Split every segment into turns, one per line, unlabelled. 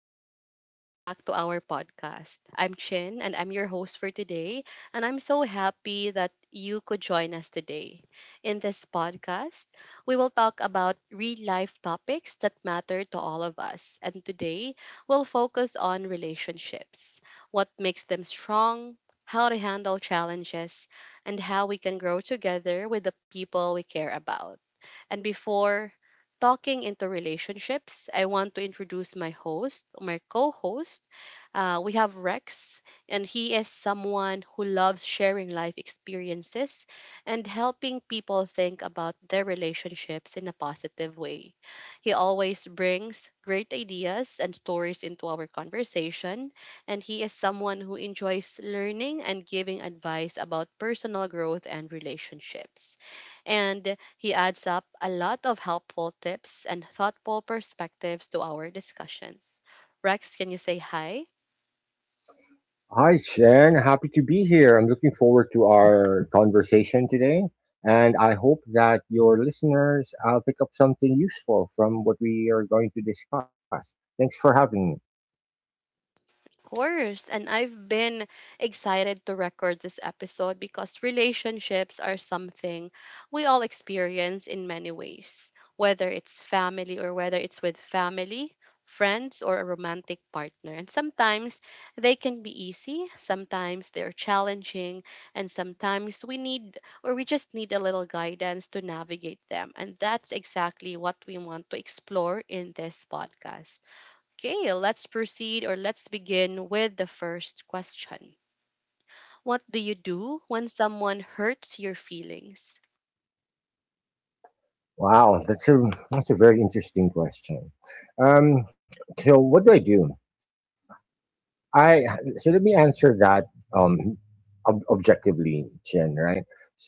everyone, and welcome back to our podcast. I'm Chin, and I'm your host for today. And I'm so happy that you could join us today. In this podcast, we will talk about real life topics that matter to all of us. And today, we'll focus on relationships, what makes them strong, how to handle challenges, and how we can grow together with the people we care about. And before talking into relationships, I want to introduce my host, my co host. We have Rex, and he is someone who loves sharing life experiences and helping people think about their relationships in a positive way. He always brings great ideas and stories into our conversation, and he is someone who enjoys learning and giving advice about personal growth and relationships. And he adds up a lot of helpful tips and thoughtful perspectives to our discussions. Rex, can you say hi?
Hi, Shen. Happy to be here. I'm looking forward to our conversation today. And I hope that your listeners pick up something useful from what we are going to discuss. Thanks for having me.
Course. And I've been excited to record this episode because relationships are something we all experience in many ways, whether it's family or whether it's with family, friends, or a romantic partner. And sometimes they can be easy, sometimes they're challenging, and sometimes we need or we just need a little guidance to navigate them. And that's exactly what we want to explore in this podcast. Okay, let's proceed or let's begin with the first question. What do you do when someone hurts your feelings?
Wow, that's a very interesting question. Um, so what do? I so let me answer that um objectively, Chen. Right. So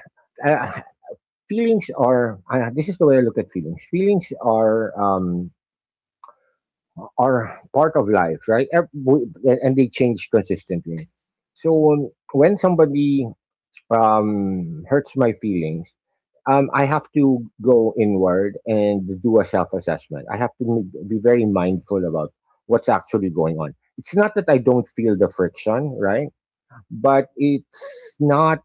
uh, feelings are this is the way I look at feelings. Feelings are part of life, right? And they change consistently. So when somebody hurts my feelings, I have to go inward and do a self assessment. I have to be very mindful about what's actually going on. It's not that I don't feel the friction, right? But it's not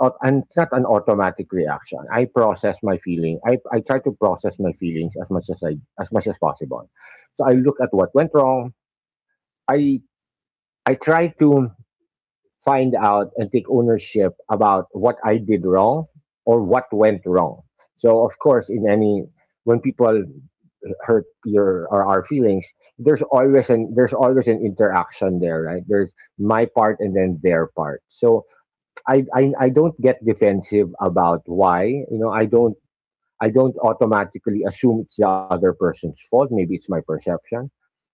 au- and it's not an automatic reaction. I process my feeling. I try to process my feelings as much as much as possible. So I look at what went wrong. I I try to find out and take ownership about what I did wrong or what went wrong. So of course, in any when people hurt your or our feelings, there's always an interaction there, right? There's my part and then their part. So I don't get defensive about why. You know, I don't automatically assume it's the other person's fault. Maybe it's my perception.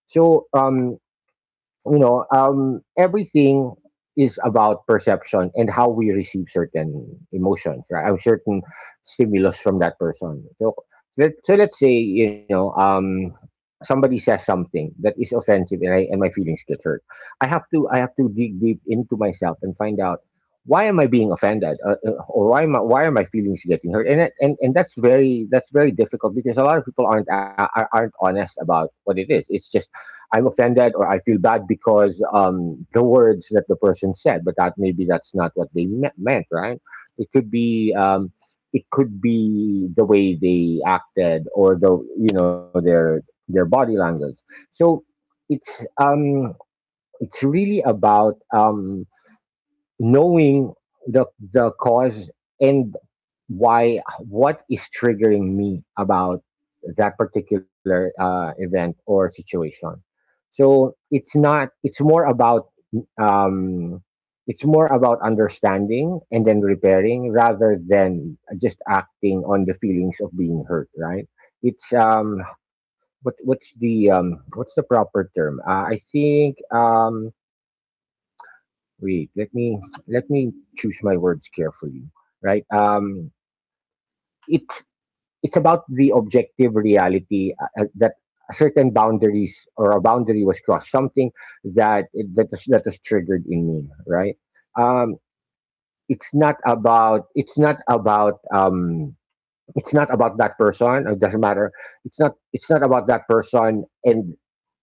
So you know, everything is about perception and how we receive certain emotions, right? Or certain stimulus from that person. So, so let's say, somebody says something that is offensive and my feelings get hurt. I have to dig deep into myself and find out why am I being offended, or why am why are my feelings getting hurt? And that's that's very difficult because a lot of people aren't, a- are- aren't honest about what it is. It's just I'm offended or I feel bad because the words that the person said, but that maybe that's not what they meant, right? It could be um, it could be the way they acted or the you know their body language. So it's um, it's really about knowing the the cause and why what is triggering me about that particular event or situation. So it's not, it's more about um, it's more about understanding and then repairing rather than just acting on the feelings of being hurt, right? It's um what what's the proper term? I think. Wait, let me choose my words carefully. Right? It's it's about the objective reality, that certain boundaries or a boundary was crossed. Something that that is triggered in me. Right? Um, it's not about, it's not about that person. It doesn't matter. It's not about that person and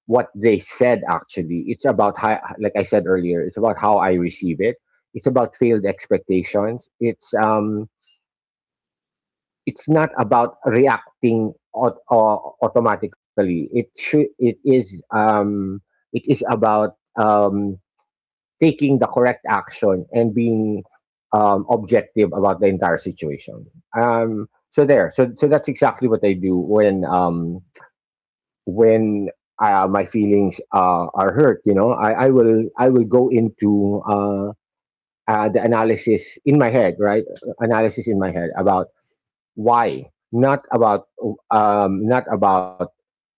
what they said. Actually, it's about how, like I said earlier, it's about how I receive it. It's about failed expectations. It's not about reacting automatically. It should, it is about um taking the correct action and being objective about the entire situation. So so that's exactly what I do when when my feelings are hurt. You know, I will, I will go into the analysis in my head, right? Analysis in my head about why, not about not about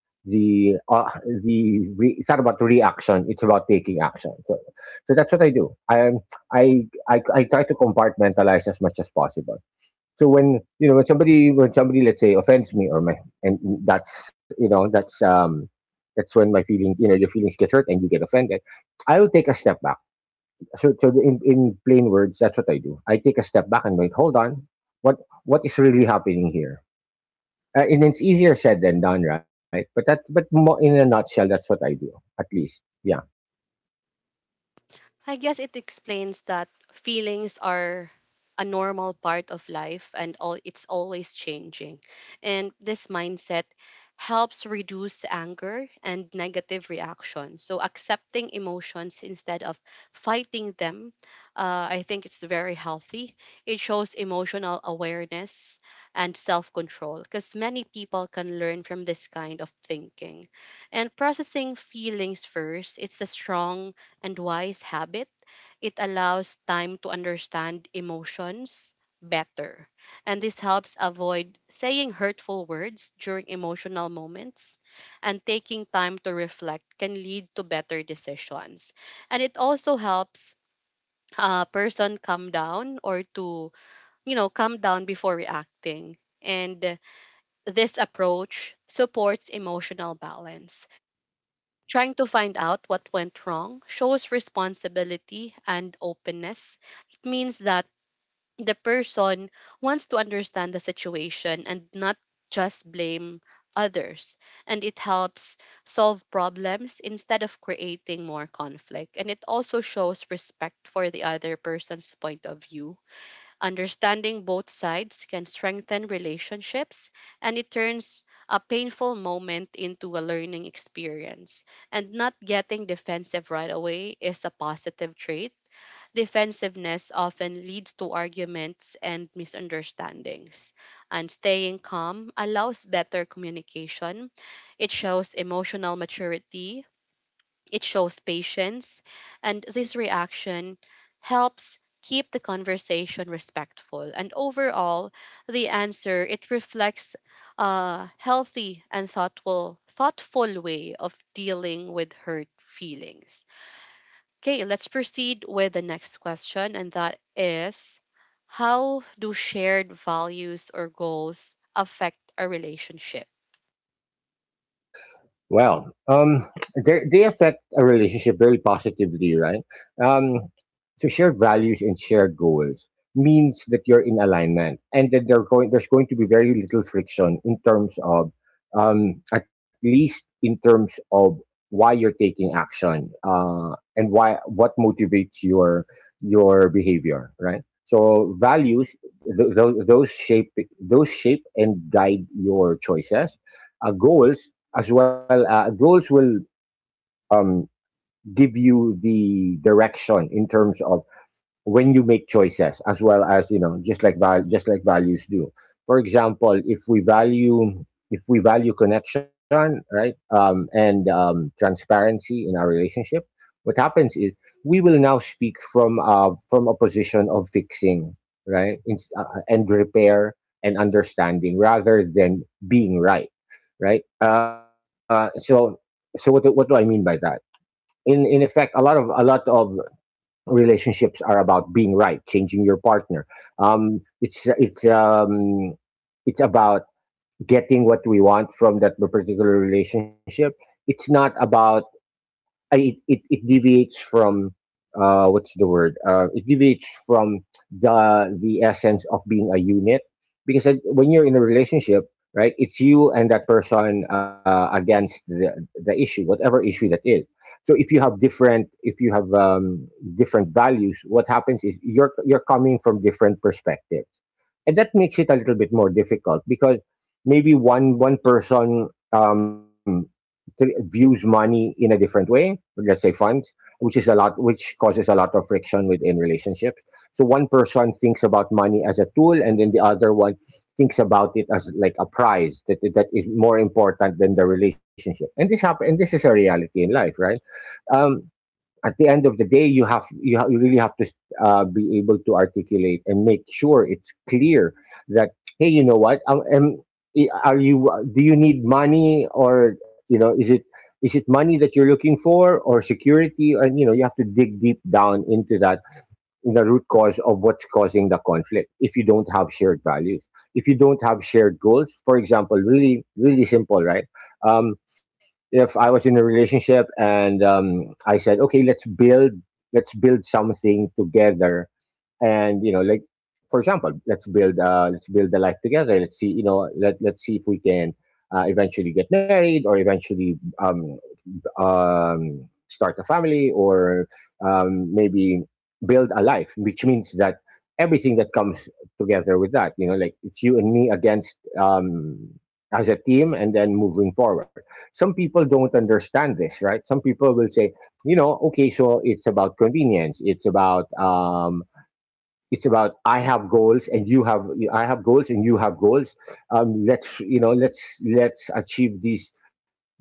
the it's not about the reaction, it's about taking action. So so that's what I do I I try to compartmentalize as much as possible. So when, you know, when somebody, let's say offends me or my and that's, you know, that's when my feeling, you know, your feelings get hurt and you get offended. I will take a step back. So so in plain words, that's what I do. I take a step back and wait. Hold on, what what is really happening here? And it's easier said than done, right? But in a nutshell, that's what I do. At least, yeah.
I guess it explains that feelings are a normal part of life and all it's always changing. And this mindset helps reduce anger and negative reactions. So accepting emotions instead of fighting them, I think it's very healthy. It shows emotional awareness and self-control because many people can learn from this kind of thinking. And processing feelings first, it's a strong and wise habit. It allows time to understand emotions better. And this helps avoid saying hurtful words during emotional moments. And taking time to reflect can lead to better decisions. And it also helps a person calm down or to, you know, calm down before reacting. And this approach supports emotional balance. Trying to find out what went wrong shows responsibility and openness. It means that the person wants to understand the situation and not just blame others. And it helps solve problems instead of creating more conflict. And it also shows respect for the other person's point of view. Understanding both sides can strengthen relationships, and it turns a painful moment into a learning experience. And not getting defensive right away is a positive trait. Defensiveness often leads to arguments and misunderstandings. And staying calm allows better communication. It shows emotional maturity, it shows patience, and this reaction helps keep the conversation respectful. And overall, the answer it reflects a healthy and thoughtful way of dealing with hurt feelings. Okay, let's proceed with the next question, and that is, how do shared values or goals affect a relationship?
Well, they affect a relationship very positively, right? Um, so shared values and shared goals means that you're in alignment, and that there's going to be very little friction in terms of, at least in terms of why you're taking action, and why what motivates your behavior, right? So values, th- th- those shape those shape and guide your choices. Goals as well, goals will um, give you the direction in terms of when you make choices as well, as you know, just like just like values do. For example, if we value connection, right? And transparency in our relationship, what happens is we will now speak from a position of fixing, right? And repair and understanding rather than being right, right? So what do I mean by that? In effect, a lot of, relationships are about being right, changing your partner. Um, it's it's um, it's about getting what we want from that particular relationship. It's not about, it deviates from what's the word? It deviates from the essence of being a unit. Because when you're in a relationship, right? It's you and that person against the issue, whatever issue that is. So if you have different, if you have different values, what happens is you're coming from different perspectives, and that makes it a little bit more difficult because maybe one person. Um, views money in a different way, let's say funds, which is a lot, which causes a lot of friction within relationships. So one person thinks about money as a tool, and then the other one thinks about it as like a prize that is more important than the relationship. And this is a reality in life, right? Um, at the end of the day, you have, you really have to be able to articulate and make sure it's clear that, hey, you know what, are you? Do you need money? Or you know, is it money that you're looking for or security? And you know, you have to dig deep down into that, the root cause of what's causing the conflict, if you don't have shared values, if you don't have shared goals. For example, really really simple, right? um, if I was in a relationship and I said, okay, let's build something together. And you know, like for example, let's build a life together. Let's see, you know, let's see if we can eventually get married or eventually um start a family or maybe build a life, which means that everything that comes together with that, you know, like it's you and me against, as a team and then moving forward. Some people don't understand this, right? Some people will say, you know, okay, so it's about convenience, it's about I have goals and you have goals. Let's you know, let's achieve these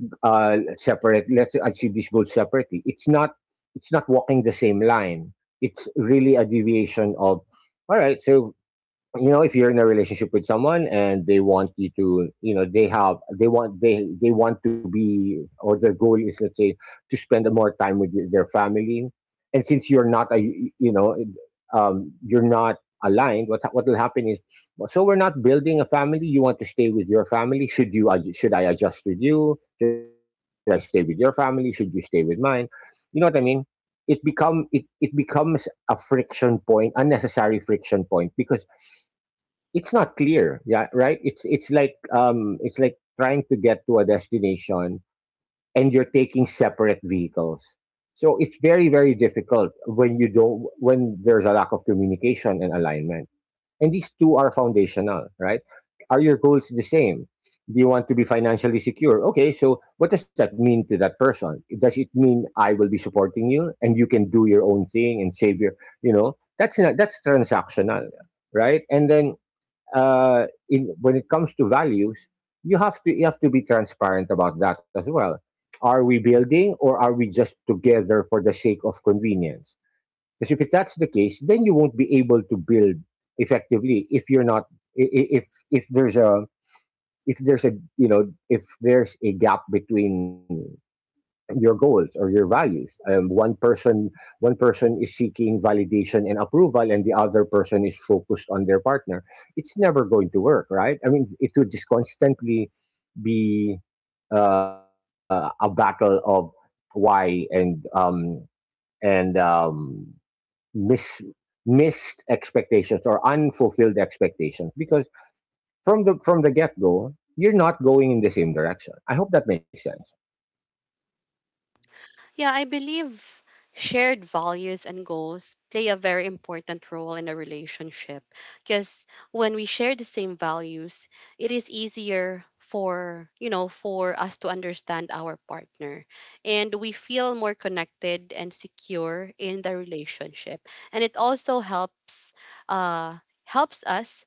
separate let's achieve this goal separately. It's not, it's not walking the same line. It's really a deviation of, all right? So you know, if you're in a relationship with someone and they want you to, you know, they want, they want to be, or their goal is, let's say, to spend more time with their family. And since you're not a, you know, you're not aligned, what will happen is, so we're not building a family, you want to stay with your family. Should I adjust with you? Should I stay with your family? Should you stay with mine? You know what I mean. It it becomes a friction point, unnecessary friction point, because it's not clear. Yeah, right. It's it's like trying to get to a destination and you're taking separate vehicles. So it's very very difficult when you don't, when there's a lack of communication and alignment. And these two are foundational, right? Are your goals the same? Do you want to be financially secure? Okay, so what does that mean to that person? Does it mean I will be supporting you and you can do your own thing and save your, you know, that's not, that's transactional, right? And then in when it comes to values, you have to, you have to be transparent about that as well. Are we building or are we just together for the sake of convenience? Because if it- that's the case, then you won't be able to build effectively if you're not if there's a if there's a gap between your goals or your values. One person is seeking validation and approval, and the other person is focused on their partner. It's never going to work, right? I mean, it would just constantly be a battle of why and miss missed expectations or unfulfilled expectations because from the get go you're not going in the same direction. I hope that makes sense.
Yeah, I believe shared values and goals play a very important role in a relationship because when we share the same values, it is easier for, you know, for us to understand our partner, and we feel more connected and secure in the relationship. And it also helps uh helps us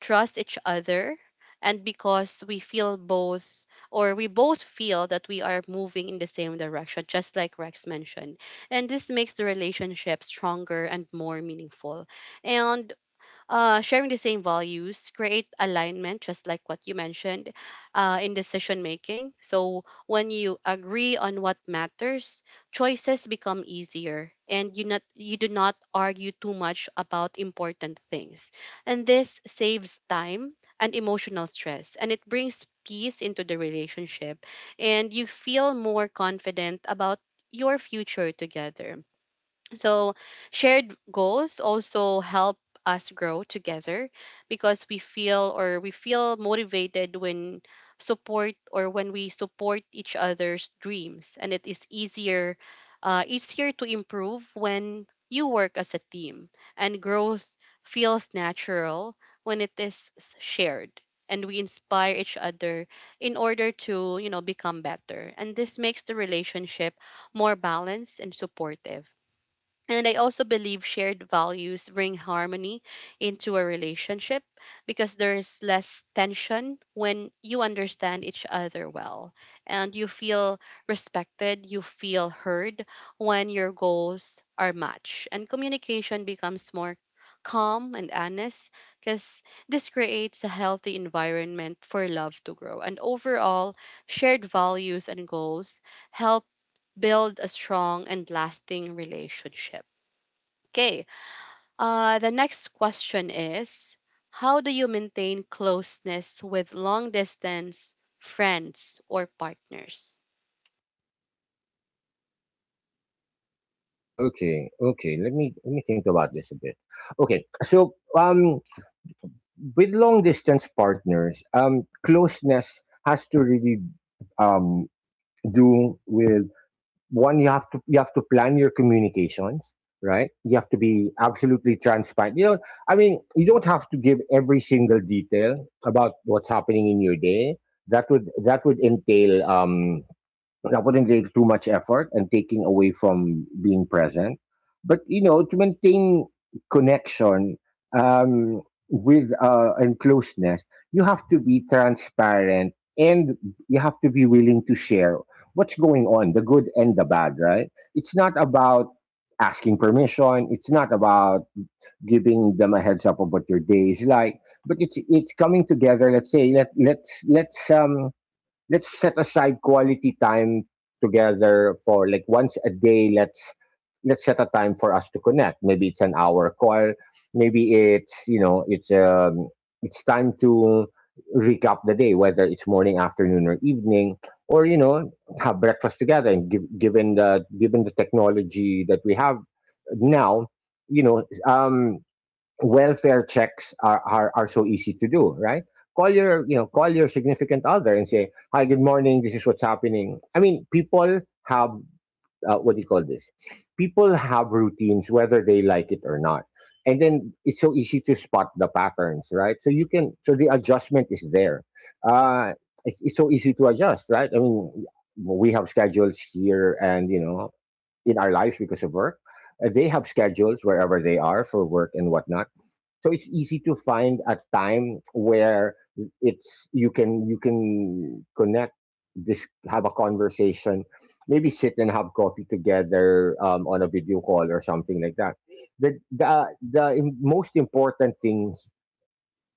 trust each other, and because we feel both or we both feel that we are moving in the same direction, just like Rex mentioned, and this makes the relationship stronger and more meaningful. And sharing the same values, create alignment, just like what you mentioned, in decision making. So when you agree on what matters, choices become easier, and you not you do not argue too much about important things, and this saves time and emotional stress, and it brings peace into the relationship, and you feel more confident about your future together. So, shared goals also help us grow together, because we feel or we feel motivated when support or when we support each other's dreams, and it is easier easier to improve when you work as a team. And growth feels natural when it is shared, and we inspire each other in order to, you know, become better, and this makes the relationship more balanced and supportive. And I also believe shared values bring harmony into a relationship, because there's less tension when you understand each other well, and you feel respected, you feel heard when your goals are matched. And communication becomes more calm and honest, because this creates a healthy environment for love to grow. And overall, shared values and goals help build a strong and lasting relationship. Okay. The next question is, how do you maintain closeness with long distance friends or partners?
Okay, okay. Let me think about this a bit. Okay, so with long distance partners, closeness has to really um do with one. You have to plan your communications, right? You have to be absolutely transparent. You know, I mean, you don't have to give every single detail about what's happening in your day. That would entail that wouldn't take too much effort and taking away from being present. But you know, to maintain connection, um, with and closeness, you have to be transparent and you have to be willing to share what's going on, the good and the bad. Right? It's not about asking permission. It's not about giving them a heads up of what your day is like. But it's coming together. Let's say, let's set aside quality time together for, like, once a day. Let's set a time for us to connect. Maybe it's an hour call, maybe it's, you know, it's time to recap the day, whether it's morning, afternoon, or evening, or you know, have breakfast together. And given the technology that we have now, you know um welfare checks are so easy to do, right? Call your, you know, call your significant other and say, "Hi, good morning. This is what's happening." I mean, people have what do you call this? People have routines whether they like it or not, and then it's so easy to spot the patterns, right? So you can, so the adjustment is there. Uh, it's so easy to adjust, right? I mean, we have schedules here, and you know, in our lives because of work, they have schedules wherever they are for work and whatnot. So it's easy to find a time where it's you can connect, just have a conversation, maybe sit and have coffee together on a video call or something like that. The most important things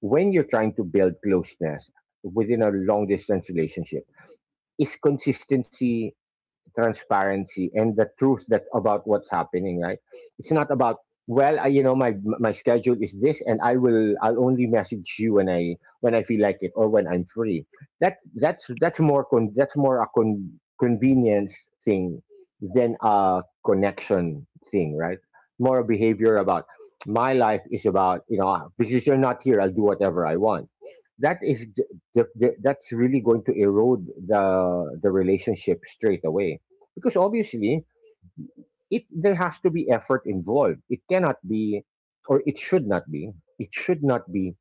when you're trying to build closeness within a long distance relationship is consistency, transparency, and the truth that about what's happening, right? It's not about, well, I, you know, my schedule is this and I'll only message you when I feel like it or when I'm free. That's that's more a convenience thing than a connection thing, right? More behavior about my life is about, you know, because you're not here, I'll do whatever I want. That is that's really going to erode the relationship straight away, because obviously it there has to be effort involved. It cannot be, or it should not be, it should not be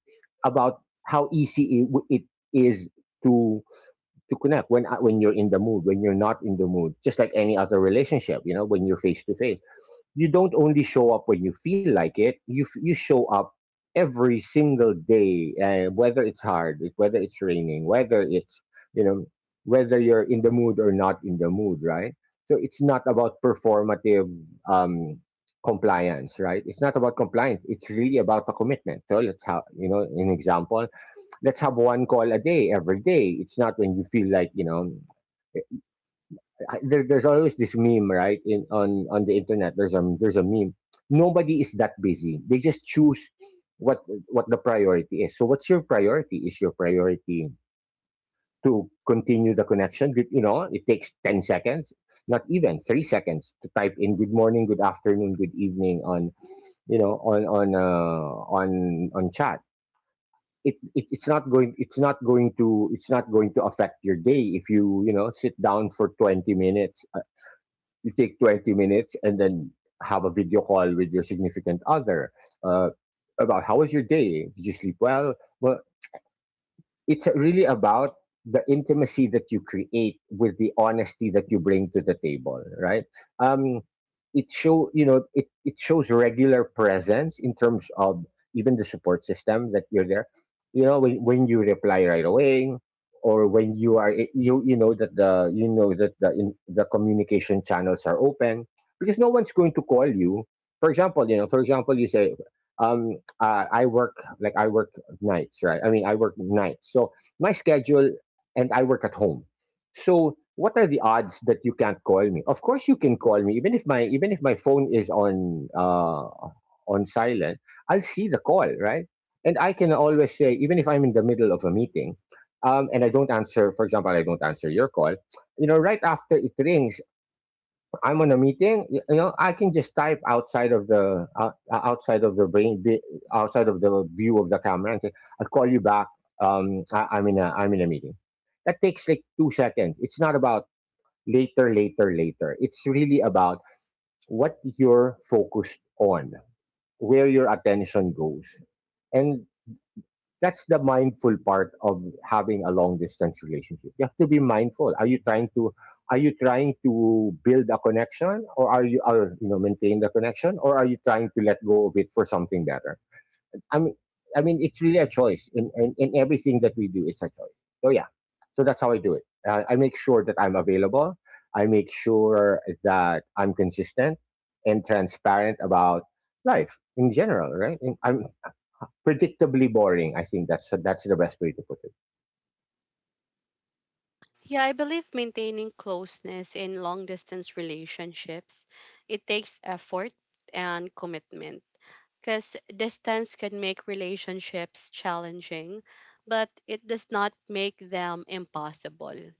about how easy it is to to connect when you're in the mood, when you're not in the mood. Just like any other relationship, you know, when you're face to face, you don't only show up when you feel like it. You you show up every single day, whether it's hard, whether it's raining, whether it's, you know, whether you're in the mood or not in the mood, right? So it's not about performative um compliance, right? It's not about compliance. It's really about the commitment. So let's have, you know, an example. Let's have one call a day, every day. It's not when you feel like, you know, there's always this meme, right? In on the internet, there's a meme. Nobody is that busy. They just choose what what the priority is. So, what's your priority? Is your priority to continue the connection? You know, it takes 10 seconds, not even 3 seconds, to type in "Good morning," "Good afternoon," "Good evening" on you know on chat. It's not going it's not going to affect your day if you, you know, sit down for 20 minutes. You take 20 minutes and then have a video call with your significant other, uh, about how was your day? Did you sleep well? Well, it's really about the intimacy that you create with the honesty that you bring to the table, right? um it show, you know, it shows regular presence in terms of even the support system that you're there. You know, when you reply right away, or when you are, you know that the the communication channels are open. Because no one's going to call you, for example. You know, for example, you say, um I work, like, I work nights, right? I mean, I work nights. So my schedule, and I work at home. So what are the odds that you can't call me? Of course, you can call me, even if my phone is on silent. I'll see the call, right? And I can always say, even if I'm in the middle of a meeting, and I don't answer. For example, I don't answer your call. You know, right after it rings, I'm on a meeting, you know, I can just type outside of the brain, outside of the view of the camera, and say, "I'll call you back. I'm in a meeting." That takes like 2 seconds. It's not about later, later, later. It's really about what you're focused on, where your attention goes, and that's the mindful part of having a long distance relationship. You have to be mindful. Are you trying to build a connection, or are you, are you know maintain the connection, or are you trying to let go of it for something better? I mean, I mean, it's really a choice in, in everything that we do. It's a choice. So yeah, so that's how I do it. I make sure that I'm available. I make sure that I'm consistent and transparent about life in general. Right? And I'm predictably boring. I think that's the best way to put it.
Yeah, I believe maintaining closeness in long distance relationships, it takes effort and commitment because distance can make relationships challenging, but it does not make them impossible.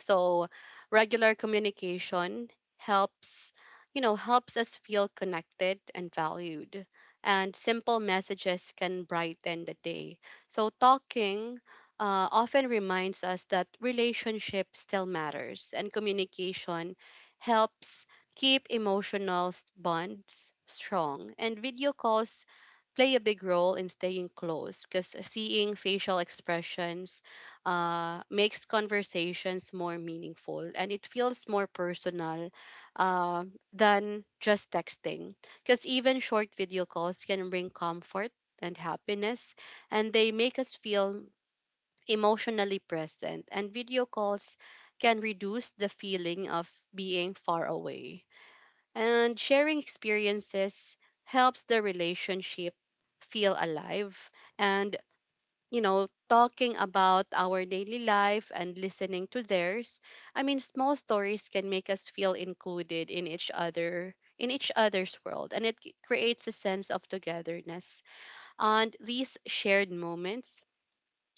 So regular communication helps, you know, helps us feel connected and valued. And simple messages can brighten the day. So talking often reminds us that relationship still matters, and communication helps keep emotional bonds strong. And video calls play a big role in staying close because seeing facial expressions makes conversations more meaningful and it feels more personal, uh, than just texting. Because even short video calls can bring comfort and happiness, and they make us feel emotionally present. And video calls can reduce the feeling of being far away. And sharing experiences helps the relationship feel alive, and you know, talking about our daily life and listening to theirs. I mean, small stories can make us feel included in each other in each other's world, and it creates a sense of togetherness. And these shared moments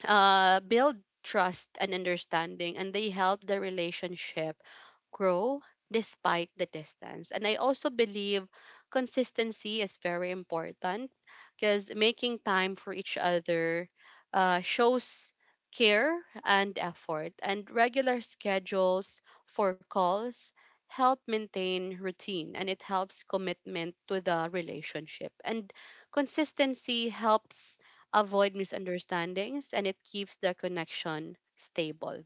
build trust and understanding, and they help the relationship grow despite the distance. And I also believe consistency is very important because making time for each other shows care and effort. And regular schedules for calls help maintain routine, and it helps commitment to the relationship. And consistency helps avoid misunderstandings, and it keeps the connection stable.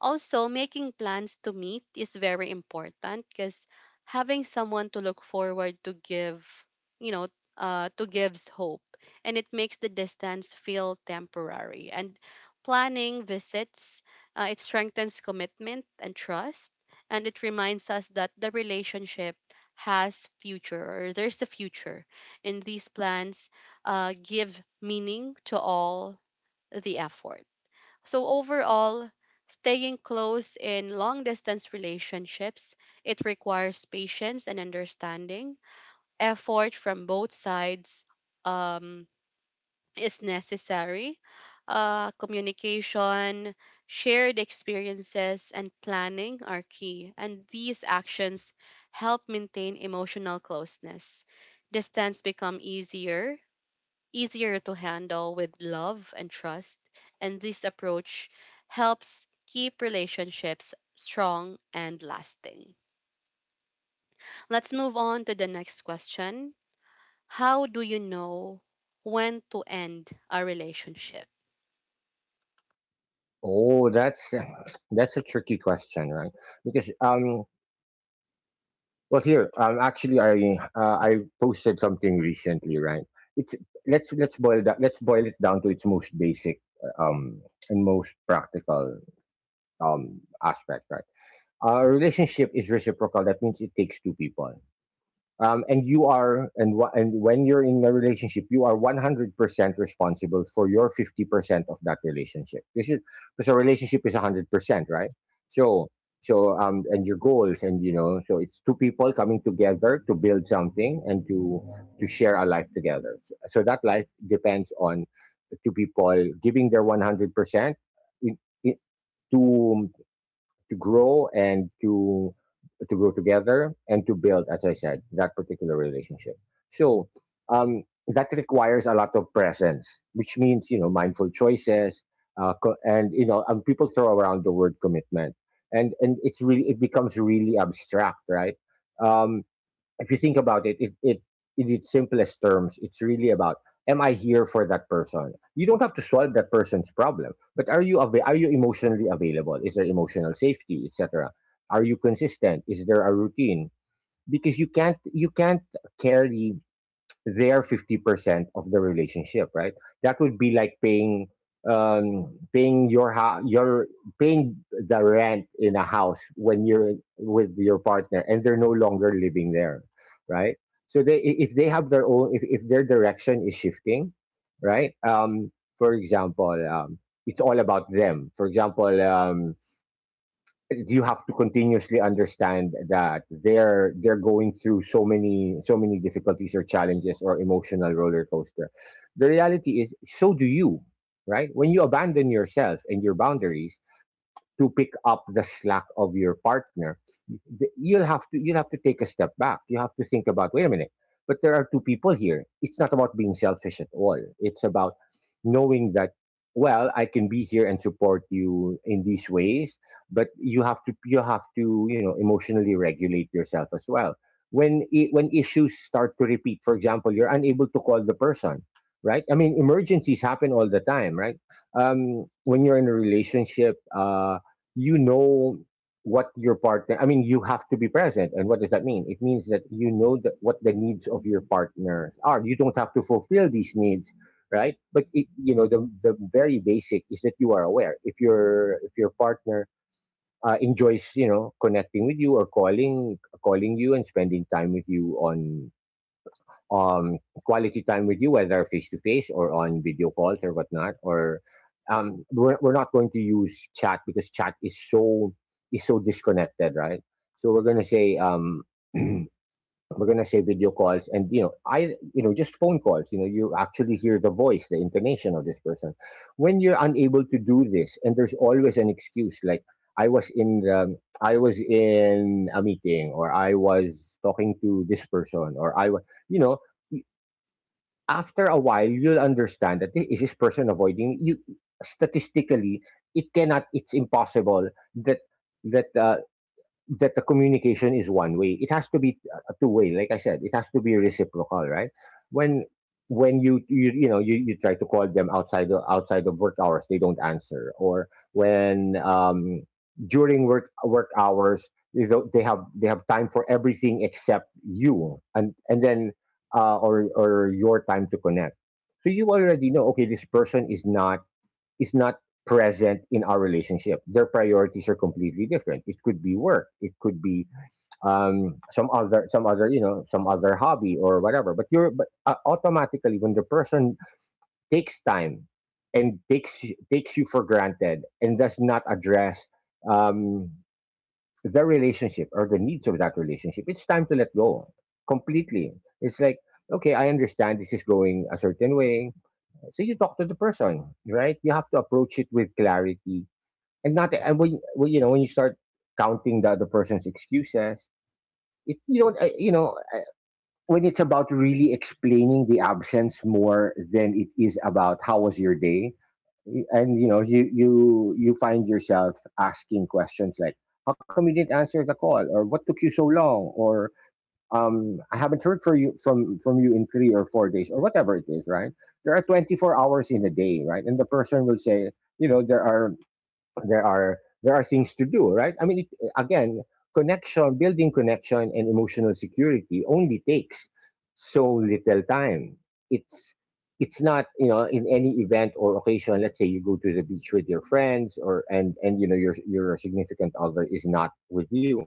Also, making plans to meet is very important because having someone to look forward to give, you know, to gives hope, and it makes the distance feel temporary. And planning visits, it strengthens commitment and trust, and it reminds us that the relationship has future or there's a future, and these plans give meaning to all the effort. So overall, staying close in long distance relationships, it requires patience and understanding. Effort from both sides um, is necessary. Communication, shared experiences, and planning are key. And these actions help maintain emotional closeness. Distance become easier easier to handle with love and trust. And this approach helps keep relationships strong and lasting. Let's move on to the next question. How do you know when to end a relationship?
Oh, that's a tricky question, right? Because well, here, actually, I posted something recently, right? It's let's boil it down to its most basic um and most practical aspect, right? A relationship is reciprocal. That means it takes two people, and you are, and when you're in a relationship you are 100% responsible for your 50% of that relationship. This is because a relationship is 100%, right? So so um and your goals, and you know, so it's two people coming together to build something and to share a life together. So, so that life depends on two people giving their 100% in, in, to to grow and to grow together and to build, as I said, that particular relationship. So that requires a lot of presence, which means, you know, mindful choices, and you know, and people throw around the word commitment, and it's really, it becomes really abstract, right? Um, if you think about it, it in its simplest terms, it's really about, am I here for that person? You don't have to solve that person's problem, but are you are you emotionally available? Is there emotional safety, etc.? Are you consistent? Is there a routine? Because you can't carry their 50% of the relationship, right? That would be like paying paying your house your paying the rent in a house when you're with your partner and they're no longer living there, right? So if they have their own, if their direction is shifting, right? For example, it's all about them. For example, you have to continuously understand that they're going through so many difficulties or challenges or emotional roller coaster. The reality is, so do you, right? When you abandon yourself and your boundaries to pick up the slack of your partner, you'll have to, you'll have to take a step back. You have to think about, wait a minute, but there are two people here. It's not about being selfish at all. It's about knowing that, well, I can be here and support you in these ways, but you have to, you have to you know, emotionally regulate yourself as well. When issues start to repeat, for example, you're unable to call the person. Right, I mean, emergencies happen all the time, right? When you're in a relationship, you know, what your partner, I mean, you have to be present. And what does that mean? It means that you know that what the needs of your partners are. You don't have to fulfill these needs, right? But it, you know, the very basic is that you are aware if your partner enjoys you know connecting with you or calling you and spending time with you on um, quality time with you, whether face to face or on video calls or whatnot. Or we're not going to use chat because chat is so disconnected, right? So we're gonna say, we're gonna say video calls, and you know, I, just phone calls. You know, you actually hear the voice, the intonation of this person. When you're unable to do this, and there's always an excuse, like I was in a meeting, or I was talking to this person, or I was, you know after a while you'll understand that this is this person avoiding you. Statistically, it cannot it's impossible that that uh, that the communication is one way. It has to be a two way. Like I said, it has to be reciprocal, right? When when you know you, you try to call them outside the outside of work hours, they don't answer. Or when, during work hours, you know, they have, they have time for everything except you, and then or your time to connect. So you already know, okay, this person is not present in our relationship. Their priorities are completely different. It could be work. It could be some other, some other hobby or whatever. But automatically when the person takes time and takes you for granted and does not address um, the relationship or the needs of that relationship, it's time to let go completely. It's like, okay, I understand this is going a certain way. So you talk to the person, right? You have to approach it with clarity. And not, and when you know, when you start counting the other person's excuses, it you don't I- you know, when it's about really explaining the absence more than it is about how was your day. And you know, you find yourself asking questions like, how come you didn't answer the call, or what took you so long, or I haven't heard for you from you in 3 or 4 days or whatever it is, right? There are 24 hours in a day, right? And the person will say, you know, there are, there are things to do. Right, I mean, it, again, connection, building connection and emotional security only takes so little time. it's it's not, you know, in any event or occasion, let's say you go to the beach with your friends or and you know your significant other is not with you,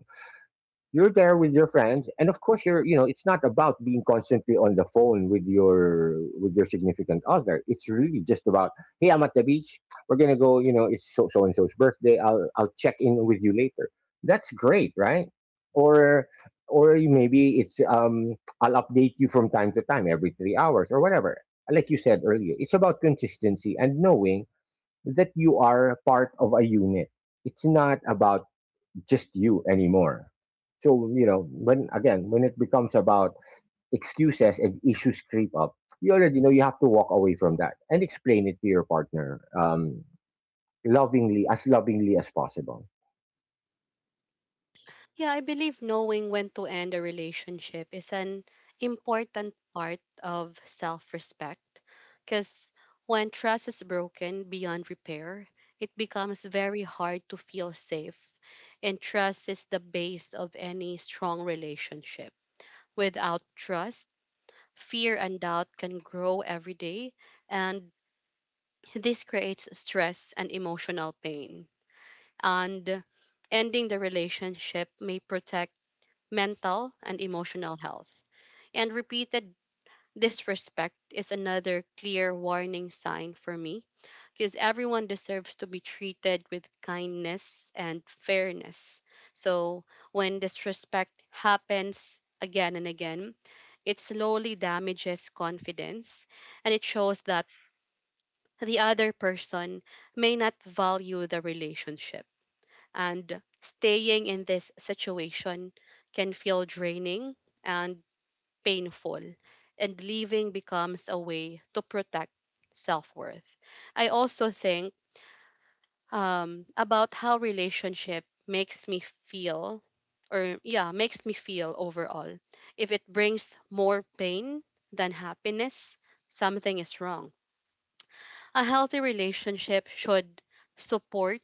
you're there with your friends, and of course you're, you know, it's not about being constantly on the phone with your significant other. It's really just about, hey, I'm at the beach, we're gonna go, you know, it's so so and so's birthday, I'll check in with you later. That's great, right? or or maybe it's I'll update you from time to time every 3 hours or whatever. Like you said earlier, it's about consistency and knowing that you are part of a unit. It's not about just you anymore. So, you know, when, again, when it becomes about excuses and issues creep up, you already know you have to walk away from that and explain it to your partner lovingly as possible.
Yeah, I believe knowing when to end a relationship is an important part of self respect, because when trust is broken beyond repair, it becomes very hard to feel safe. And trust is the base of any strong relationship. Without trust, fear and doubt can grow every day, and this creates stress and emotional pain. And ending the relationship may protect mental, and emotional health. And repeated disrespect is another clear warning sign for me, because everyone deserves to be treated with kindness and fairness. So when disrespect happens again and again, it slowly damages confidence, and it shows that the other person may not value the relationship. And staying in this situation can feel draining and painful, and leaving becomes a way to protect self worth. I also think about how relationship makes me feel, or yeah, makes me feel overall. If it brings more pain than happiness, something is wrong. A healthy relationship should support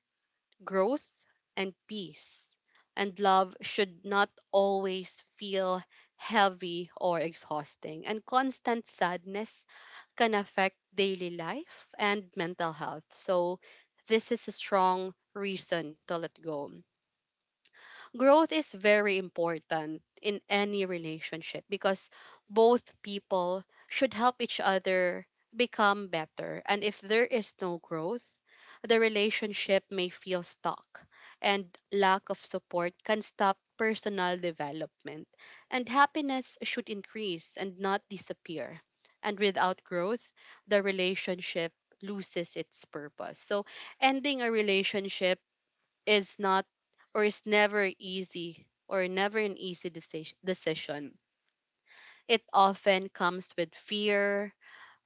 growth, and peace. And love should not always feel heavy or exhausting. And constant sadness can affect daily life and mental health. So, this is a strong reason to let go. Growth is very important in any relationship, because both people should help each other become better. And if there is no growth, the relationship may feel stuck, and lack of support can stop personal development. And happiness should increase and not disappear. And without growth, the relationship loses its purpose. So, ending a relationship is not or is never easy or never an easy decision. It often comes with fear,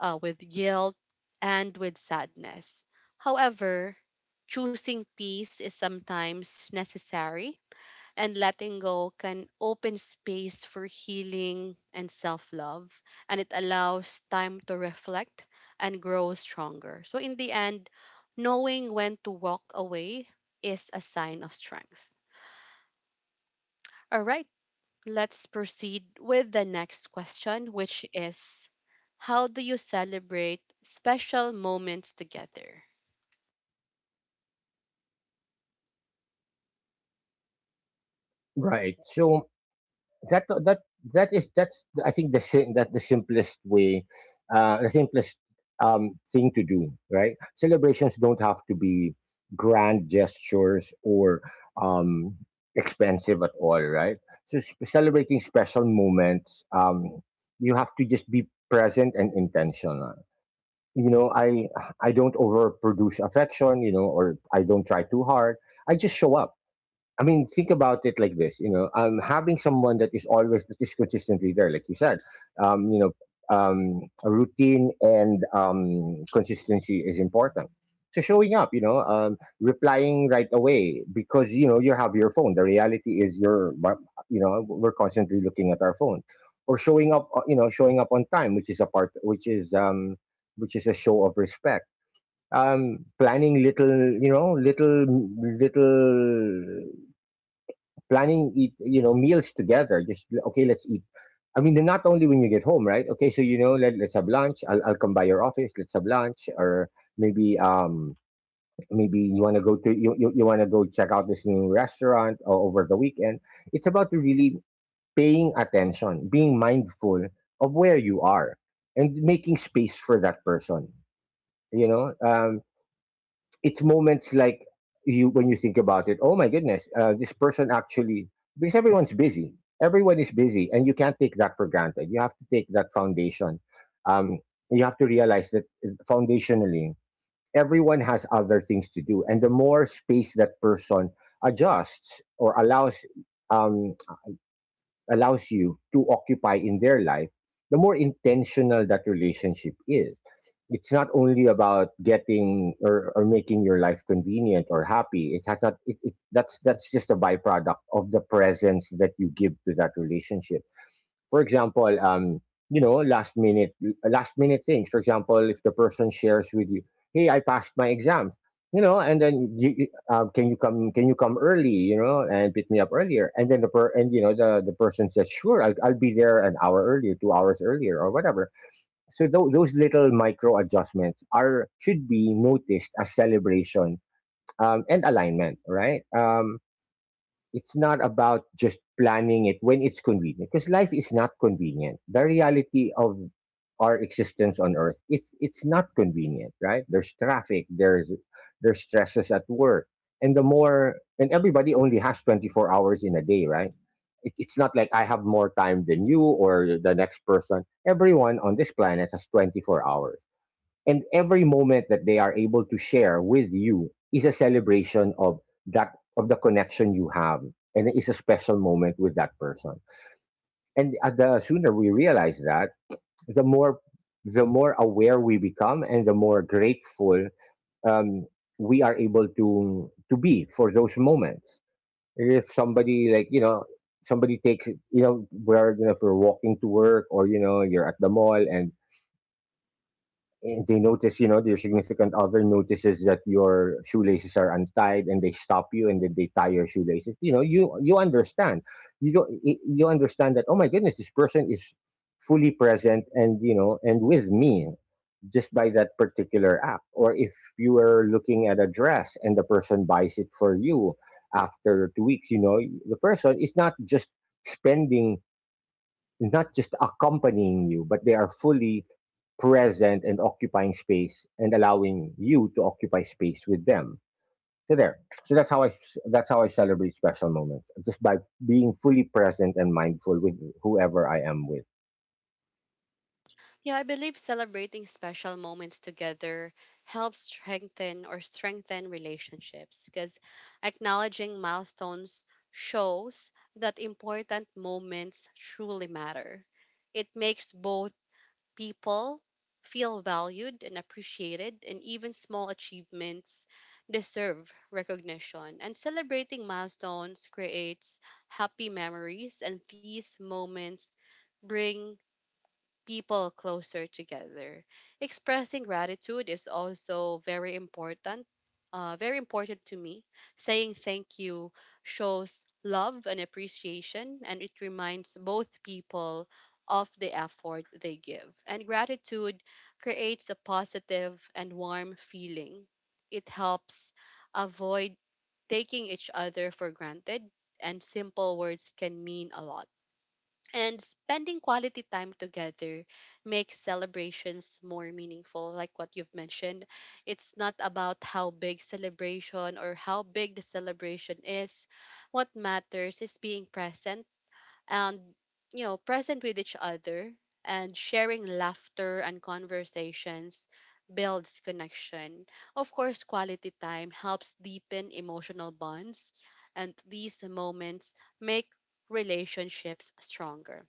with guilt, and with sadness. However, choosing peace is sometimes necessary, and letting go can open space for healing and self love, and it allows time to reflect and grow stronger. So, in the end, knowing when to walk away is a sign of strength. All right, let's proceed with the next question, which is, how do you celebrate special moments together?
Right. So, that that that's I think that the simplest way, the simplest thing to do. Right, celebrations don't have to be grand gestures or um, expensive at all. Right, so celebrating special moments, you have to just be present and intentional. You know, I don't overproduce affection. You know, or I don't try too hard. I just show up. I mean, think about it like this. You know, having someone that is always, that is consistently there, like you said, um, you know, a routine and consistency is important. So showing up, you know, replying right away because you know you have your phone. The reality is you're, but, you know, we're constantly looking at our phone, or showing up, you know, showing up on time, which is a part, which is a show of respect. Planning little, you know, little planning eat you know meals together. Just, okay, let's eat. I mean, then not only when you get home, right? Okay, so you know, let's have lunch, I'll come by your office, let's have lunch. Or maybe, maybe you want to go to you want to go check out this new restaurant over the weekend. It's about really paying attention, being mindful of where you are and making space for that person, you know. It's moments like, you when you think about it, oh my goodness, this person actually, because everyone's busy, everyone is busy, and you can't take that for granted. You have to take that foundation. um, you have to realize that, foundationally, everyone has other things to do, and the more space that person adjusts or allows, um, allows you to occupy in their life, the more intentional that relationship is. It's not only about getting, or making your life convenient or happy. It has not, that's just a byproduct of the presence that you give to that relationship. For example, you know, last minute things. For example, if the person shares with you, hey, I passed my exam, you know, and then can you come, can you come early, you know, and pick me up earlier, and then the per and you know the person says, sure, I'll be there an hour earlier, 2 hours earlier or whatever. So those little micro adjustments are should be noticed as celebration and alignment, right? It's not about just planning it when it's convenient because life is not convenient. The reality of our existence on earth, it's not convenient, right? There's traffic, there's stresses at work. And the more, and everybody only has 24 hours in a day, right? It's not like I have more time than you or the next person. Everyone on this planet has 24 hours, and every moment that they are able to share with you is a celebration of that of the connection you have. And it's a special moment with that person. And the sooner we realize that, the more the more aware we become and the more grateful um, we are able to be for those moments. If somebody like, you know, somebody takes, you know, where, you know, if you're walking to work or you know, you're at the mall and they notice, you know, your significant other notices that your shoelaces are untied, and they stop you, and then they tie your shoelaces. You know, you understand, you don't, you understand that, oh my goodness, this person is fully present, and you know, and with me, just by that particular act. Or if you were looking at a dress and the person buys it for you after 2 weeks, you know, the person is not just spending, not just accompanying you, but they are fully present and occupying space and allowing you to occupy space with them. So there. So that's how I celebrate special moments, just by being fully present and mindful with whoever I am with.
Yeah, I believe celebrating special moments together helps strengthen or strengthen relationships, because acknowledging milestones shows that important moments truly matter. It makes both people feel valued and appreciated, and even small achievements deserve recognition. And celebrating milestones creates happy memories, and these moments bring people closer together. Expressing gratitude is also very important. Very important to me. Saying thank you shows love and appreciation, and it reminds both people of the effort they give. And gratitude creates a positive and warm feeling. It helps avoid taking each other for granted, and simple words can mean a lot and spending quality time together makes celebrations more meaningful, like what you've mentioned. It's not about how big celebration or how big the celebration is. What matters is being present and present with each other and sharing laughter and conversations builds connection. Of course, quality time helps deepen emotional bonds, and these moments make relationships stronger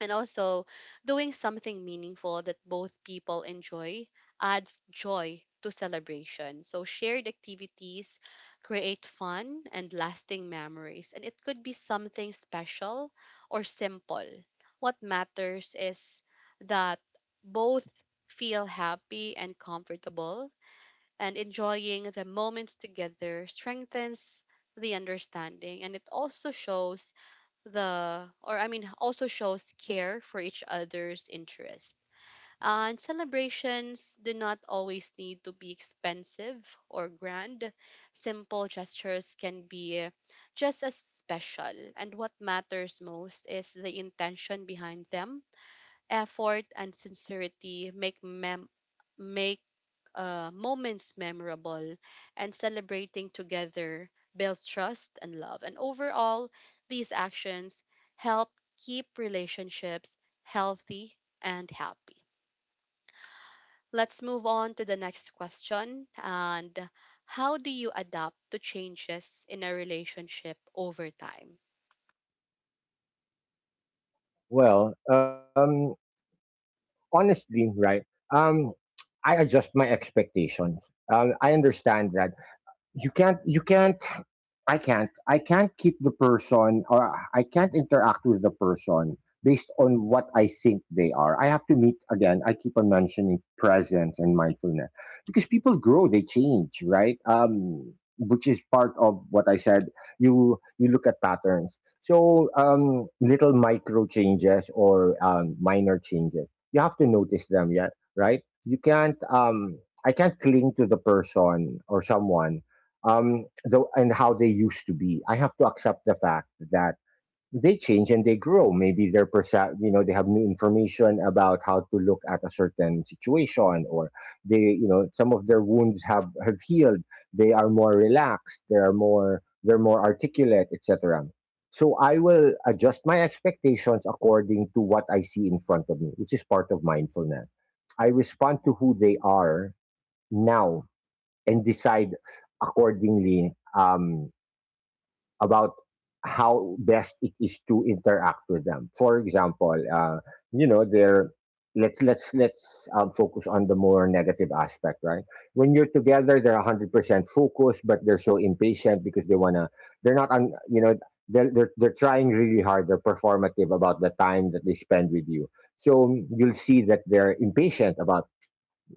and also doing something meaningful that both people enjoy adds joy to celebration, so shared activities create fun and lasting memories, and it could be something special or simple. What matters is that both feel happy and comfortable, and enjoying the moments together strengthens the understanding, and it also shows the or I mean also shows care for each other's interest. And celebrations do not always need to be expensive or grand. Simple gestures can be just as special. And what matters most is the intention behind them. Effort and sincerity make moments memorable, and celebrating together builds trust and love. And overall, these actions help keep relationships healthy and happy. Let's move on to the next question. And how do you adapt to changes in a relationship over time?
Well, honestly, right? Um, I adjust my expectations. I understand that you can't I can't, I can't keep the person or I can't interact with the person based on what I think they are. I have to meet again. I keep on mentioning presence and mindfulness because people grow, they change, right? Which is part of what I said. You look at patterns. Little micro changes or minor changes. You have to notice them, yeah, right? You can't. I can't cling to the person or someone and how they used to be. I have to accept the fact that they change and they grow. Maybe you know, they have new information about how to look at a certain situation, or they, you know, some of their wounds have healed. They are more relaxed. They're more articulate, etc. So I will adjust my expectations according to what I see in front of me, which is part of mindfulness. I respond to who they are now and decide accordingly about how best it is to interact with them. For example, you know, they're let's focus on the more negative aspect, right? When you're together, they're 100% focused, but they're so impatient because they wanna. They're not on. You know, they're trying really hard. They're performative about the time that they spend with you. So you'll see that they're impatient about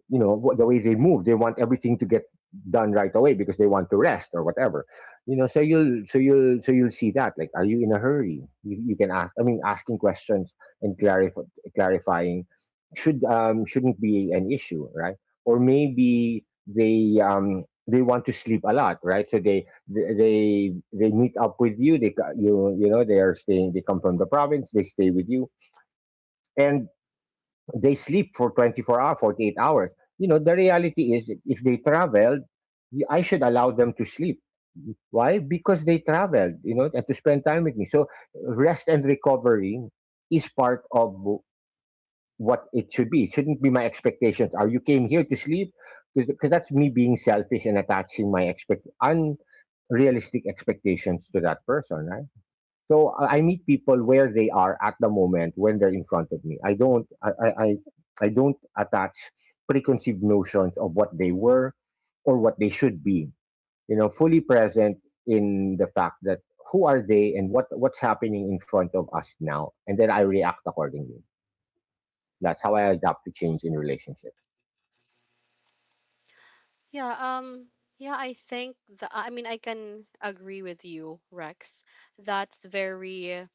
you know the way they move. They want everything to get done right away because they want to rest or whatever, you know, so you'll see that, like, are you in a hurry? You can ask, I mean, asking questions and clarifying shouldn't be an issue, right? Or maybe they they want to sleep a lot, right? So they meet up with you. You you know, they are staying, they come from the province, they stay with you, and they sleep for 24 hours, 48 hours. You know, the reality is if they traveled, I should allow them to sleep. Why? Because they traveled, you know, and to spend time with me. So rest and recovery is part of what it should be. It shouldn't be my expectations. Are you came here to sleep? Because that's me being selfish and attaching my expect unrealistic expectations to that person, right? So I meet people where they are at the moment when they're in front of me. I I don't attach preconceived notions of what they were or what they should be. You know, fully present in the fact that who are they and what's happening in front of us now, and then I react accordingly. That's how I adapt to change in relationships.
Yeah, um, yeah, I think I mean, I can agree with you, Rex. That's very,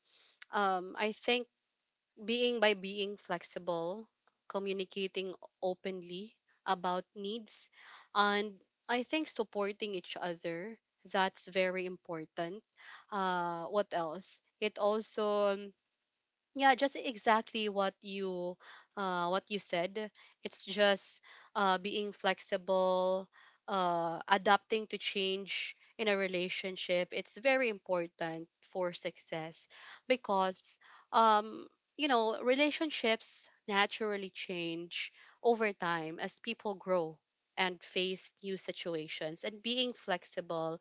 I think being by being flexible, communicating openly about needs, and I think supporting each other. That's very important. What else? It also yeah, just exactly what you said. It's just being flexible, adapting to change in a relationship. It's very important for success because um, you know, relationships naturally change over time as people grow and face new situations, and being flexible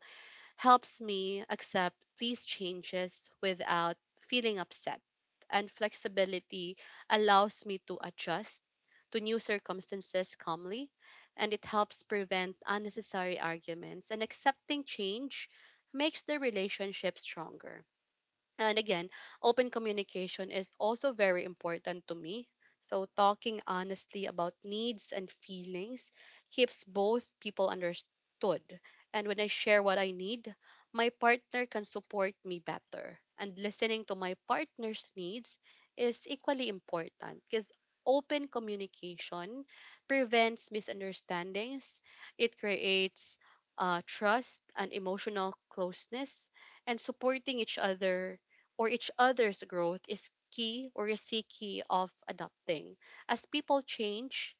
helps me accept these changes without feeling upset. And flexibility allows me to adjust to new circumstances calmly, and it helps prevent unnecessary arguments. And accepting change makes the relationship stronger. And again, open communication is also very important to me. So, talking honestly about needs and feelings keeps both people understood. And when I share what I need, my partner can support me better. And listening to my partner's needs is equally important because open communication prevents misunderstandings, it creates trust and emotional closeness, and supporting each other or each other's growth is key or is a key of adapting. As people change,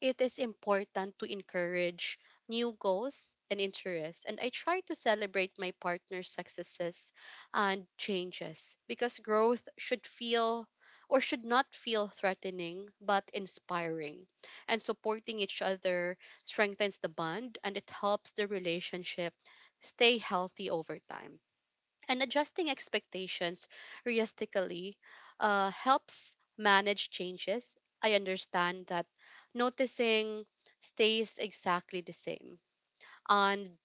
it is important to encourage new goals and interests. And I try to celebrate my partner's successes and changes because growth should feel or should not feel threatening but inspiring. And supporting each other strengthens the bond, and it helps the relationship stay healthy over time, and adjusting expectations realistically helps manage changes. I understand that noticing stays exactly the same. And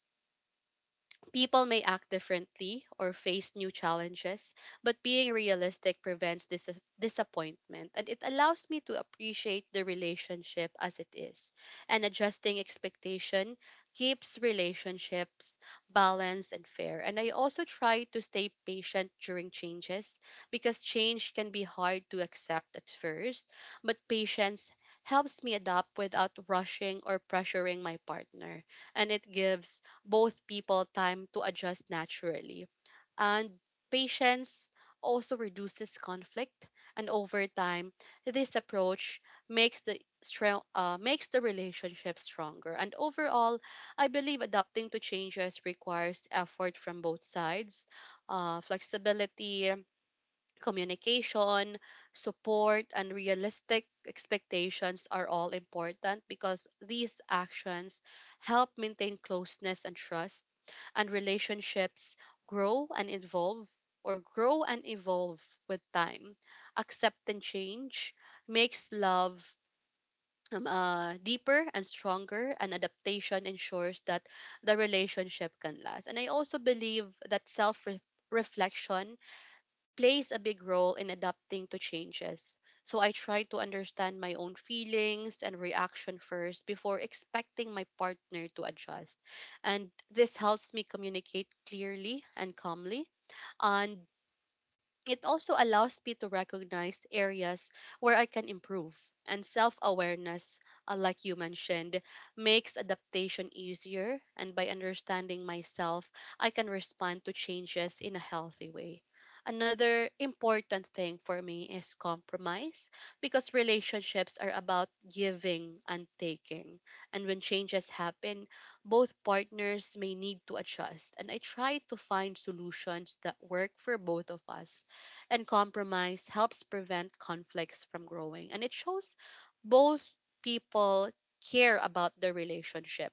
people may act differently or face new challenges, but being realistic prevents disappointment, and it allows me to appreciate the relationship as it is. And adjusting expectation keeps relationships balanced and fair. And I also try to stay patient during changes because change can be hard to accept at first, but patience helps me adapt without rushing or pressuring my partner, and it gives both people time to adjust naturally. And patience also reduces conflict, and over time, this approach makes the relationship stronger. And overall, I believe adapting to changes requires effort from both sides. Flexibility, communication, support, and realistic expectations are all important because these actions help maintain closeness and trust, and relationships grow and evolve or grow and evolve with time. Accepting change makes love deeper and stronger, and adaptation ensures that the relationship can last. And I also believe that self reflection plays a big role in adapting to changes. So I try to understand my own feelings and reaction first before expecting my partner to adjust. And this helps me communicate clearly and calmly. And it also allows me to recognize areas where I can improve, and self awareness, like you mentioned, makes adaptation easier. And by understanding myself, I can respond to changes in a healthy way. Another important thing for me is compromise because relationships are about giving and taking. And when changes happen, both partners may need to adjust. And I try to find solutions that work for both of us, and compromise helps prevent conflicts from growing. And it shows both people care about the relationship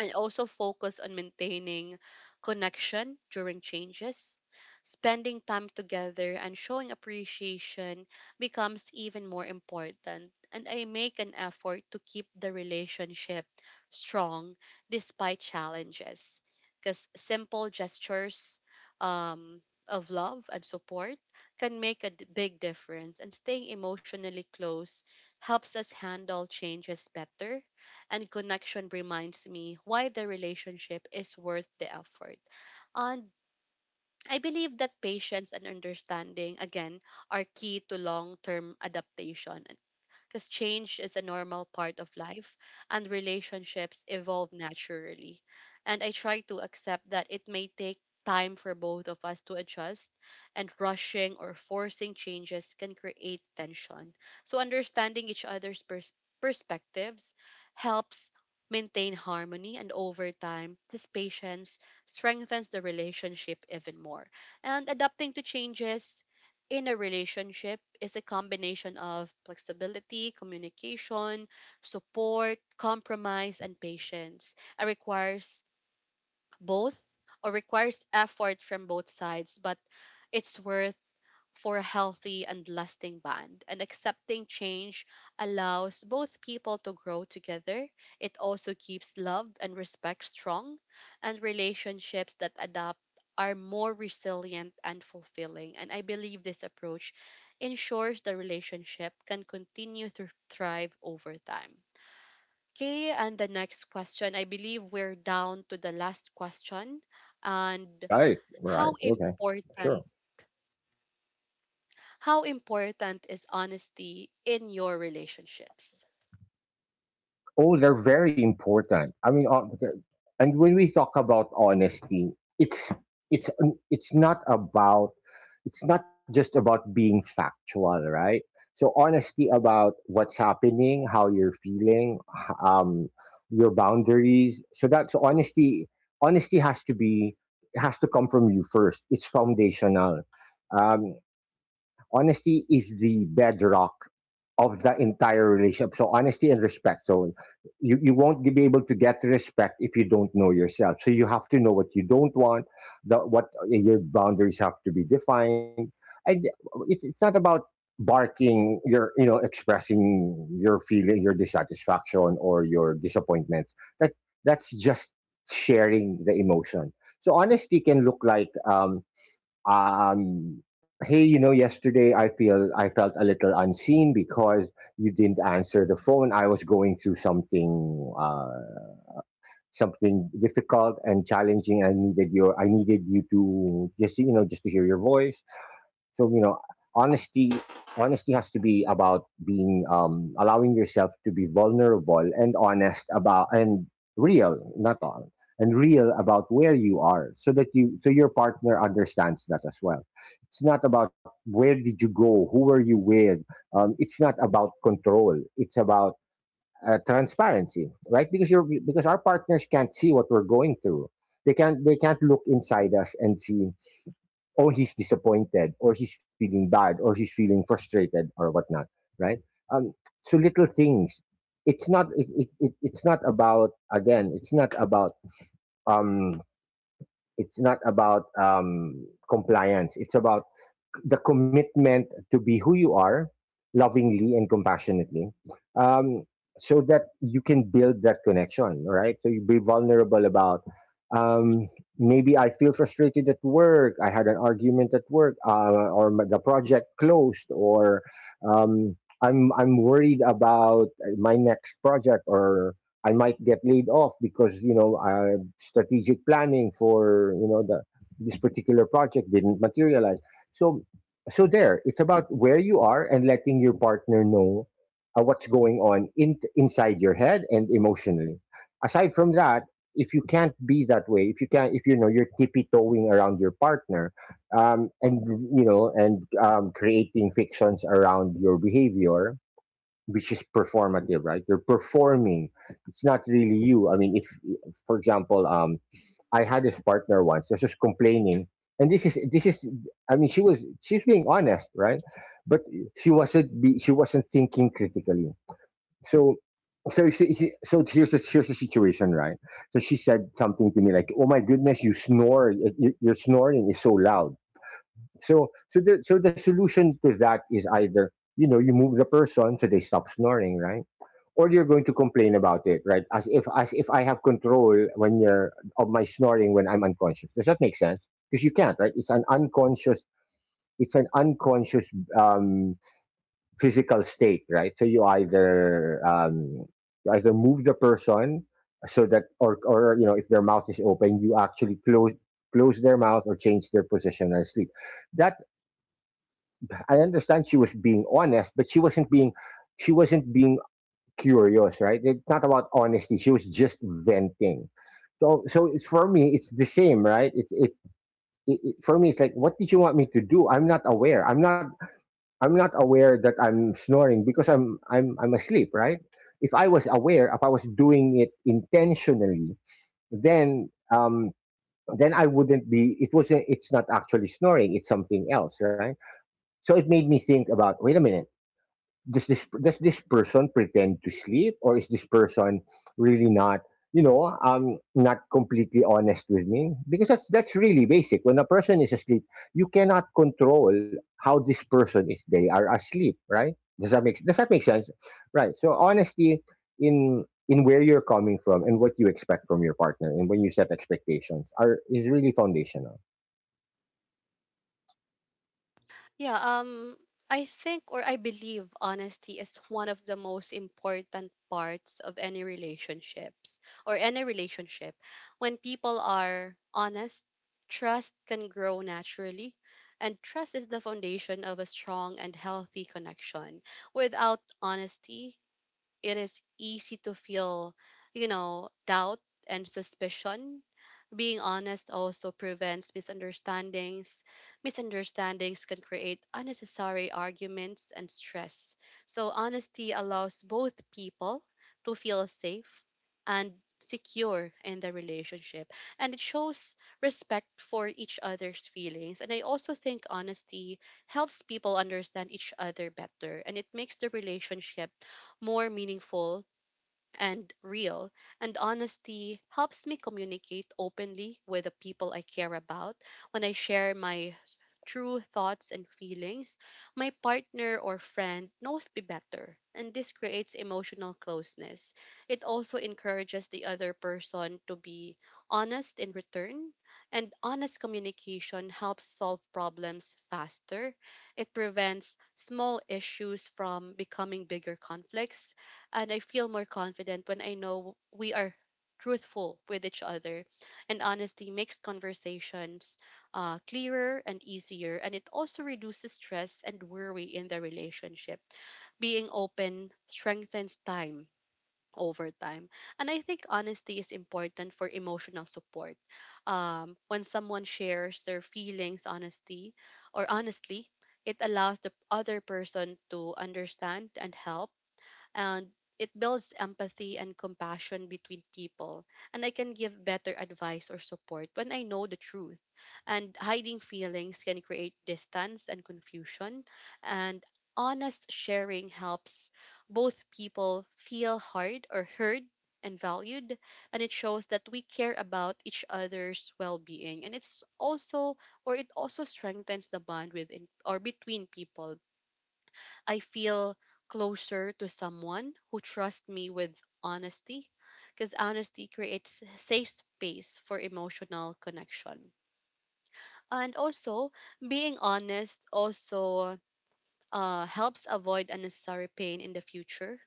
and also focus on maintaining connection during changes. Spending time together and showing appreciation becomes even more important, and I make an effort to keep the relationship strong despite challenges. Because simple gestures um, of love and support can make a big difference, and staying emotionally close helps us handle changes better, and connection reminds me why the relationship is worth the effort. And I believe that patience and understanding, again, are key to long term adaptation because change is a normal part of life and relationships evolve naturally. And I try to accept that it may take time for both of us to adjust, and rushing or forcing changes can create tension. So understanding each other's perspectives helps maintain harmony, and over time this patience strengthens the relationship even more, and adapting to changes in a relationship is a combination of flexibility, communication, support, compromise, and patience. It requires both or requires effort from both sides, but it's worth for a healthy and lasting bond. And accepting change allows both people to grow together. It also keeps love and respect strong, and relationships that adapt are more resilient and fulfilling. And I believe this approach ensures the relationship can continue to thrive over time. Okay, and the next question. I believe we're down to the last question. And
Right, right,
how
okay, sure.
important how important is honesty in your relationships?
Oh, they're very important. I mean, and when we talk about honesty, it's it's not about it's not just about being factual, right? So honesty about what's happening, how you're feeling, your boundaries. So that's honesty. Honesty has to be has to come from you first. It's foundational. Um, Honesty is the bedrock of the entire relationship. So honesty and respect. So you won't be able to get respect if you don't know yourself. So you have to know what you don't want, what your boundaries have to be defined. And it's not about barking your, you know, expressing your feeling, your dissatisfaction or your disappointment. That that's just sharing the emotion. So honesty can look like, um, hey, you know, yesterday I felt a little unseen because you didn't answer the phone. I was going through something, something difficult and challenging. I needed you to just, you know, just to hear your voice. So, you know, honesty, honesty has to be about being, allowing yourself to be vulnerable and honest about, and real, not on, and real about where you are so that you, so your partner understands that as well. It's not about where did you go? Who were you with? It's not about control. It's about transparency, right? Because you're because our partners can't see what we're going through. They can't look inside us and see, oh, he's disappointed, or he's feeling bad, or he's feeling frustrated, or whatnot, right? Um, so little things. It's not about, again. Um. It's not about compliance. It's about the commitment to be who you are lovingly and compassionately, um, so that you can build that connection, right? So you be vulnerable about, um, maybe I feel frustrated at work. I had an argument at work, the project closed, or um, I'm worried about my next project, or I might get laid off because, you know, strategic planning for, you know, the this particular project didn't materialize. So so there, it's about where you are and letting your partner know, what's going on inside your head and emotionally. Aside from that, if you can't be that way, if you know you're tippy toeing around your partner, and you know, and creating fictions around your behavior, which is performative, right? You're performing. It's not really you. I mean, if, for example, I had this partner once. This was complaining, and this is this is. I mean, she's being honest, right? But she wasn't thinking critically. So so so here's the situation, right? So she said something to me like, "Oh my goodness, you snore! Your snoring is so loud." So the solution to that is either, you know, you move the person so they stop snoring, right? Or you're going to complain about it, right? As if I have control when you're of my snoring when I'm unconscious. Does that make sense? Because you can't, right? It's an unconscious, um, physical state, right? So you either, you either move the person so that, or, you know, if their mouth is open, you actually close their mouth or change their position and sleep. That, I understand she was being honest, but she wasn't being curious, right? It's not about honesty. She was just venting. So, so it's for me, it's the same, right? It's it, it, it for me, it's like, what did you want me to do? I'm not. I'm not aware that I'm snoring because I'm asleep, right? If I was aware, if I was doing it intentionally, then um, then I wouldn't be. It wasn't. It's not actually snoring. It's something else, right? So it made me think about. Wait a minute, does this person pretend to sleep or is this person really not, you know, not completely honest with me? Because that's really basic. When a person is asleep, you cannot control how this person is. They are asleep, right? Does that make sense? Right, so honesty in where you're coming from and what you expect from your partner, and when you set expectations are, is really foundational.
Yeah, I think or I believe honesty is one of the most important parts of any relationships or any relationship. When people are honest, trust can grow naturally. And trust is the foundation of a strong and healthy connection. Without honesty, it is easy to feel, doubt and suspicion. Being honest also prevents misunderstandings. Misunderstandings can create unnecessary arguments and stress. So, honesty allows both people to feel safe and secure in the relationship, and it shows respect for each other's feelings, and I also think honesty helps people understand each other better, and it makes the relationship more meaningful and real. And honesty helps me communicate openly with the people I care about. When I share my true thoughts and feelings, my partner or friend knows me better. And this creates emotional closeness. It also encourages the other person to be honest in return. And honest communication helps solve problems faster. It prevents small issues from becoming bigger conflicts, and I feel more confident when I know we are truthful with each other. And honesty makes conversations clearer and easier, and it also reduces stress and worry in the relationship. Being open strengthens time over time, and I think honesty is important for emotional support. When someone shares their feelings honesty or honestly, it allows the other person to understand and help, and it builds empathy and compassion between people, and I can give better advice or support when I know the truth, and hiding feelings can create distance and confusion, and honest sharing helps both people feel heard or heard and valued, and it shows that we care about each other's well-being, and it's also or it also strengthens the bond within or between people. I feel closer to someone who trusts me with honesty because honesty creates safe space for emotional connection. And also, being honest also helps avoid unnecessary pain in the future.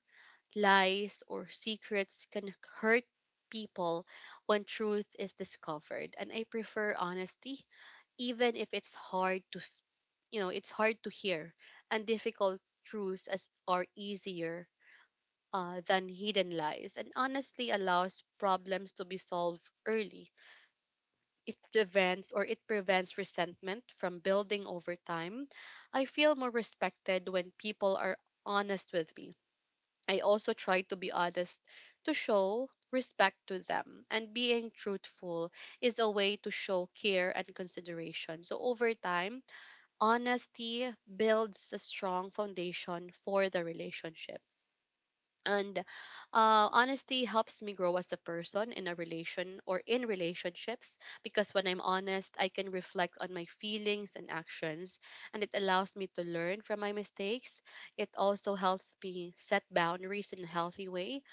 Lies or secrets can hurt people when truth is discovered, and I prefer honesty even if it's you know, it's hard to hear, and difficult truths as are easier than hidden lies, and honestly allows problems to be solved early. It prevents resentment from building over time. I feel more respected when people are honest with me. I also try to be honest to show respect to them, and being truthful is a way to show care and consideration. So over time, honesty builds a strong foundation for the relationship, and honesty helps me grow as a person in a relation or in relationships because when I'm honest I can reflect on my feelings and actions, and it allows me to learn from my mistakes. It also helps me set boundaries in a healthy way.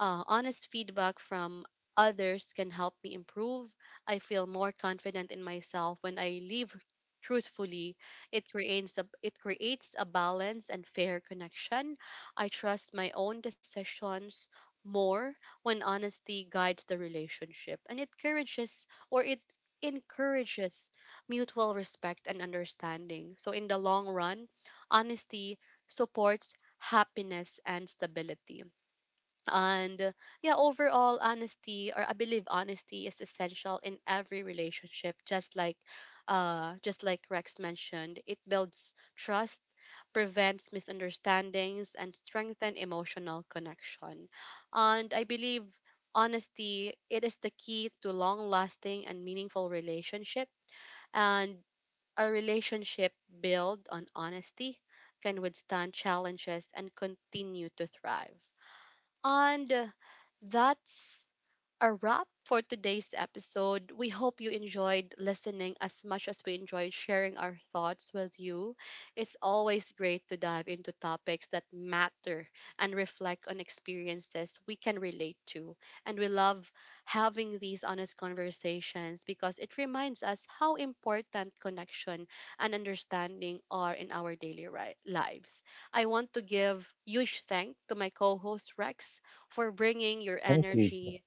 Honest feedback from others can help me improve. I feel more confident in myself when I live truthfully. It creates a balance and fair connection. I trust my own decisions more when honesty guides the relationship, and it encourages or it encourages mutual respect and understanding. So in the long run, honesty supports happiness and stability. And yeah, overall, honesty or I believe honesty is essential in every relationship, just like Rex mentioned, it builds trust, prevents misunderstandings, and strengthen emotional connection. And I believe honesty it is the key to long lasting and meaningful relationship, and a relationship built on honesty can withstand challenges and continue to thrive. And that's a wrap for today's episode. We hope you enjoyed listening as much as we enjoyed sharing our thoughts with you. It's always great to dive into topics that matter and reflect on experiences we can relate to. And we love having these honest conversations because it reminds us how important connection and understanding are in our daily lives. I want to give huge thanks to my co-host Rex for bringing your
Thank you,
energy.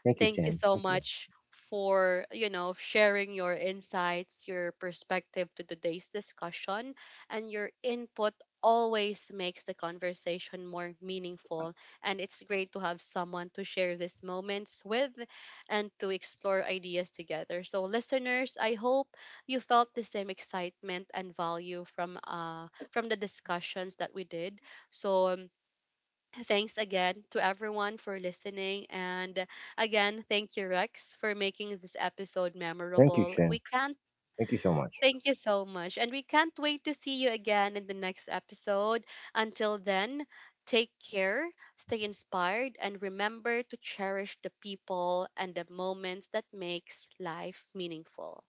thank you
Thank you
Chen,
so
thank you.
much for, you know, sharing your insights, your perspective to today's discussion, and your input always makes the conversation more meaningful. And it's great to have someone to share these moments with and to explore ideas together. So, listeners, I hope you felt the same excitement and value from the discussions that we did. So, thanks again to everyone for listening. And again, thank you, Rex, for making this episode
Thank you,
memorable.
Chen.
We can't
Thank you so much.
Thank you so much. And we can't wait to see you again in the next episode. Until then, take care, stay inspired, and remember to cherish the people and the moments that makes life meaningful.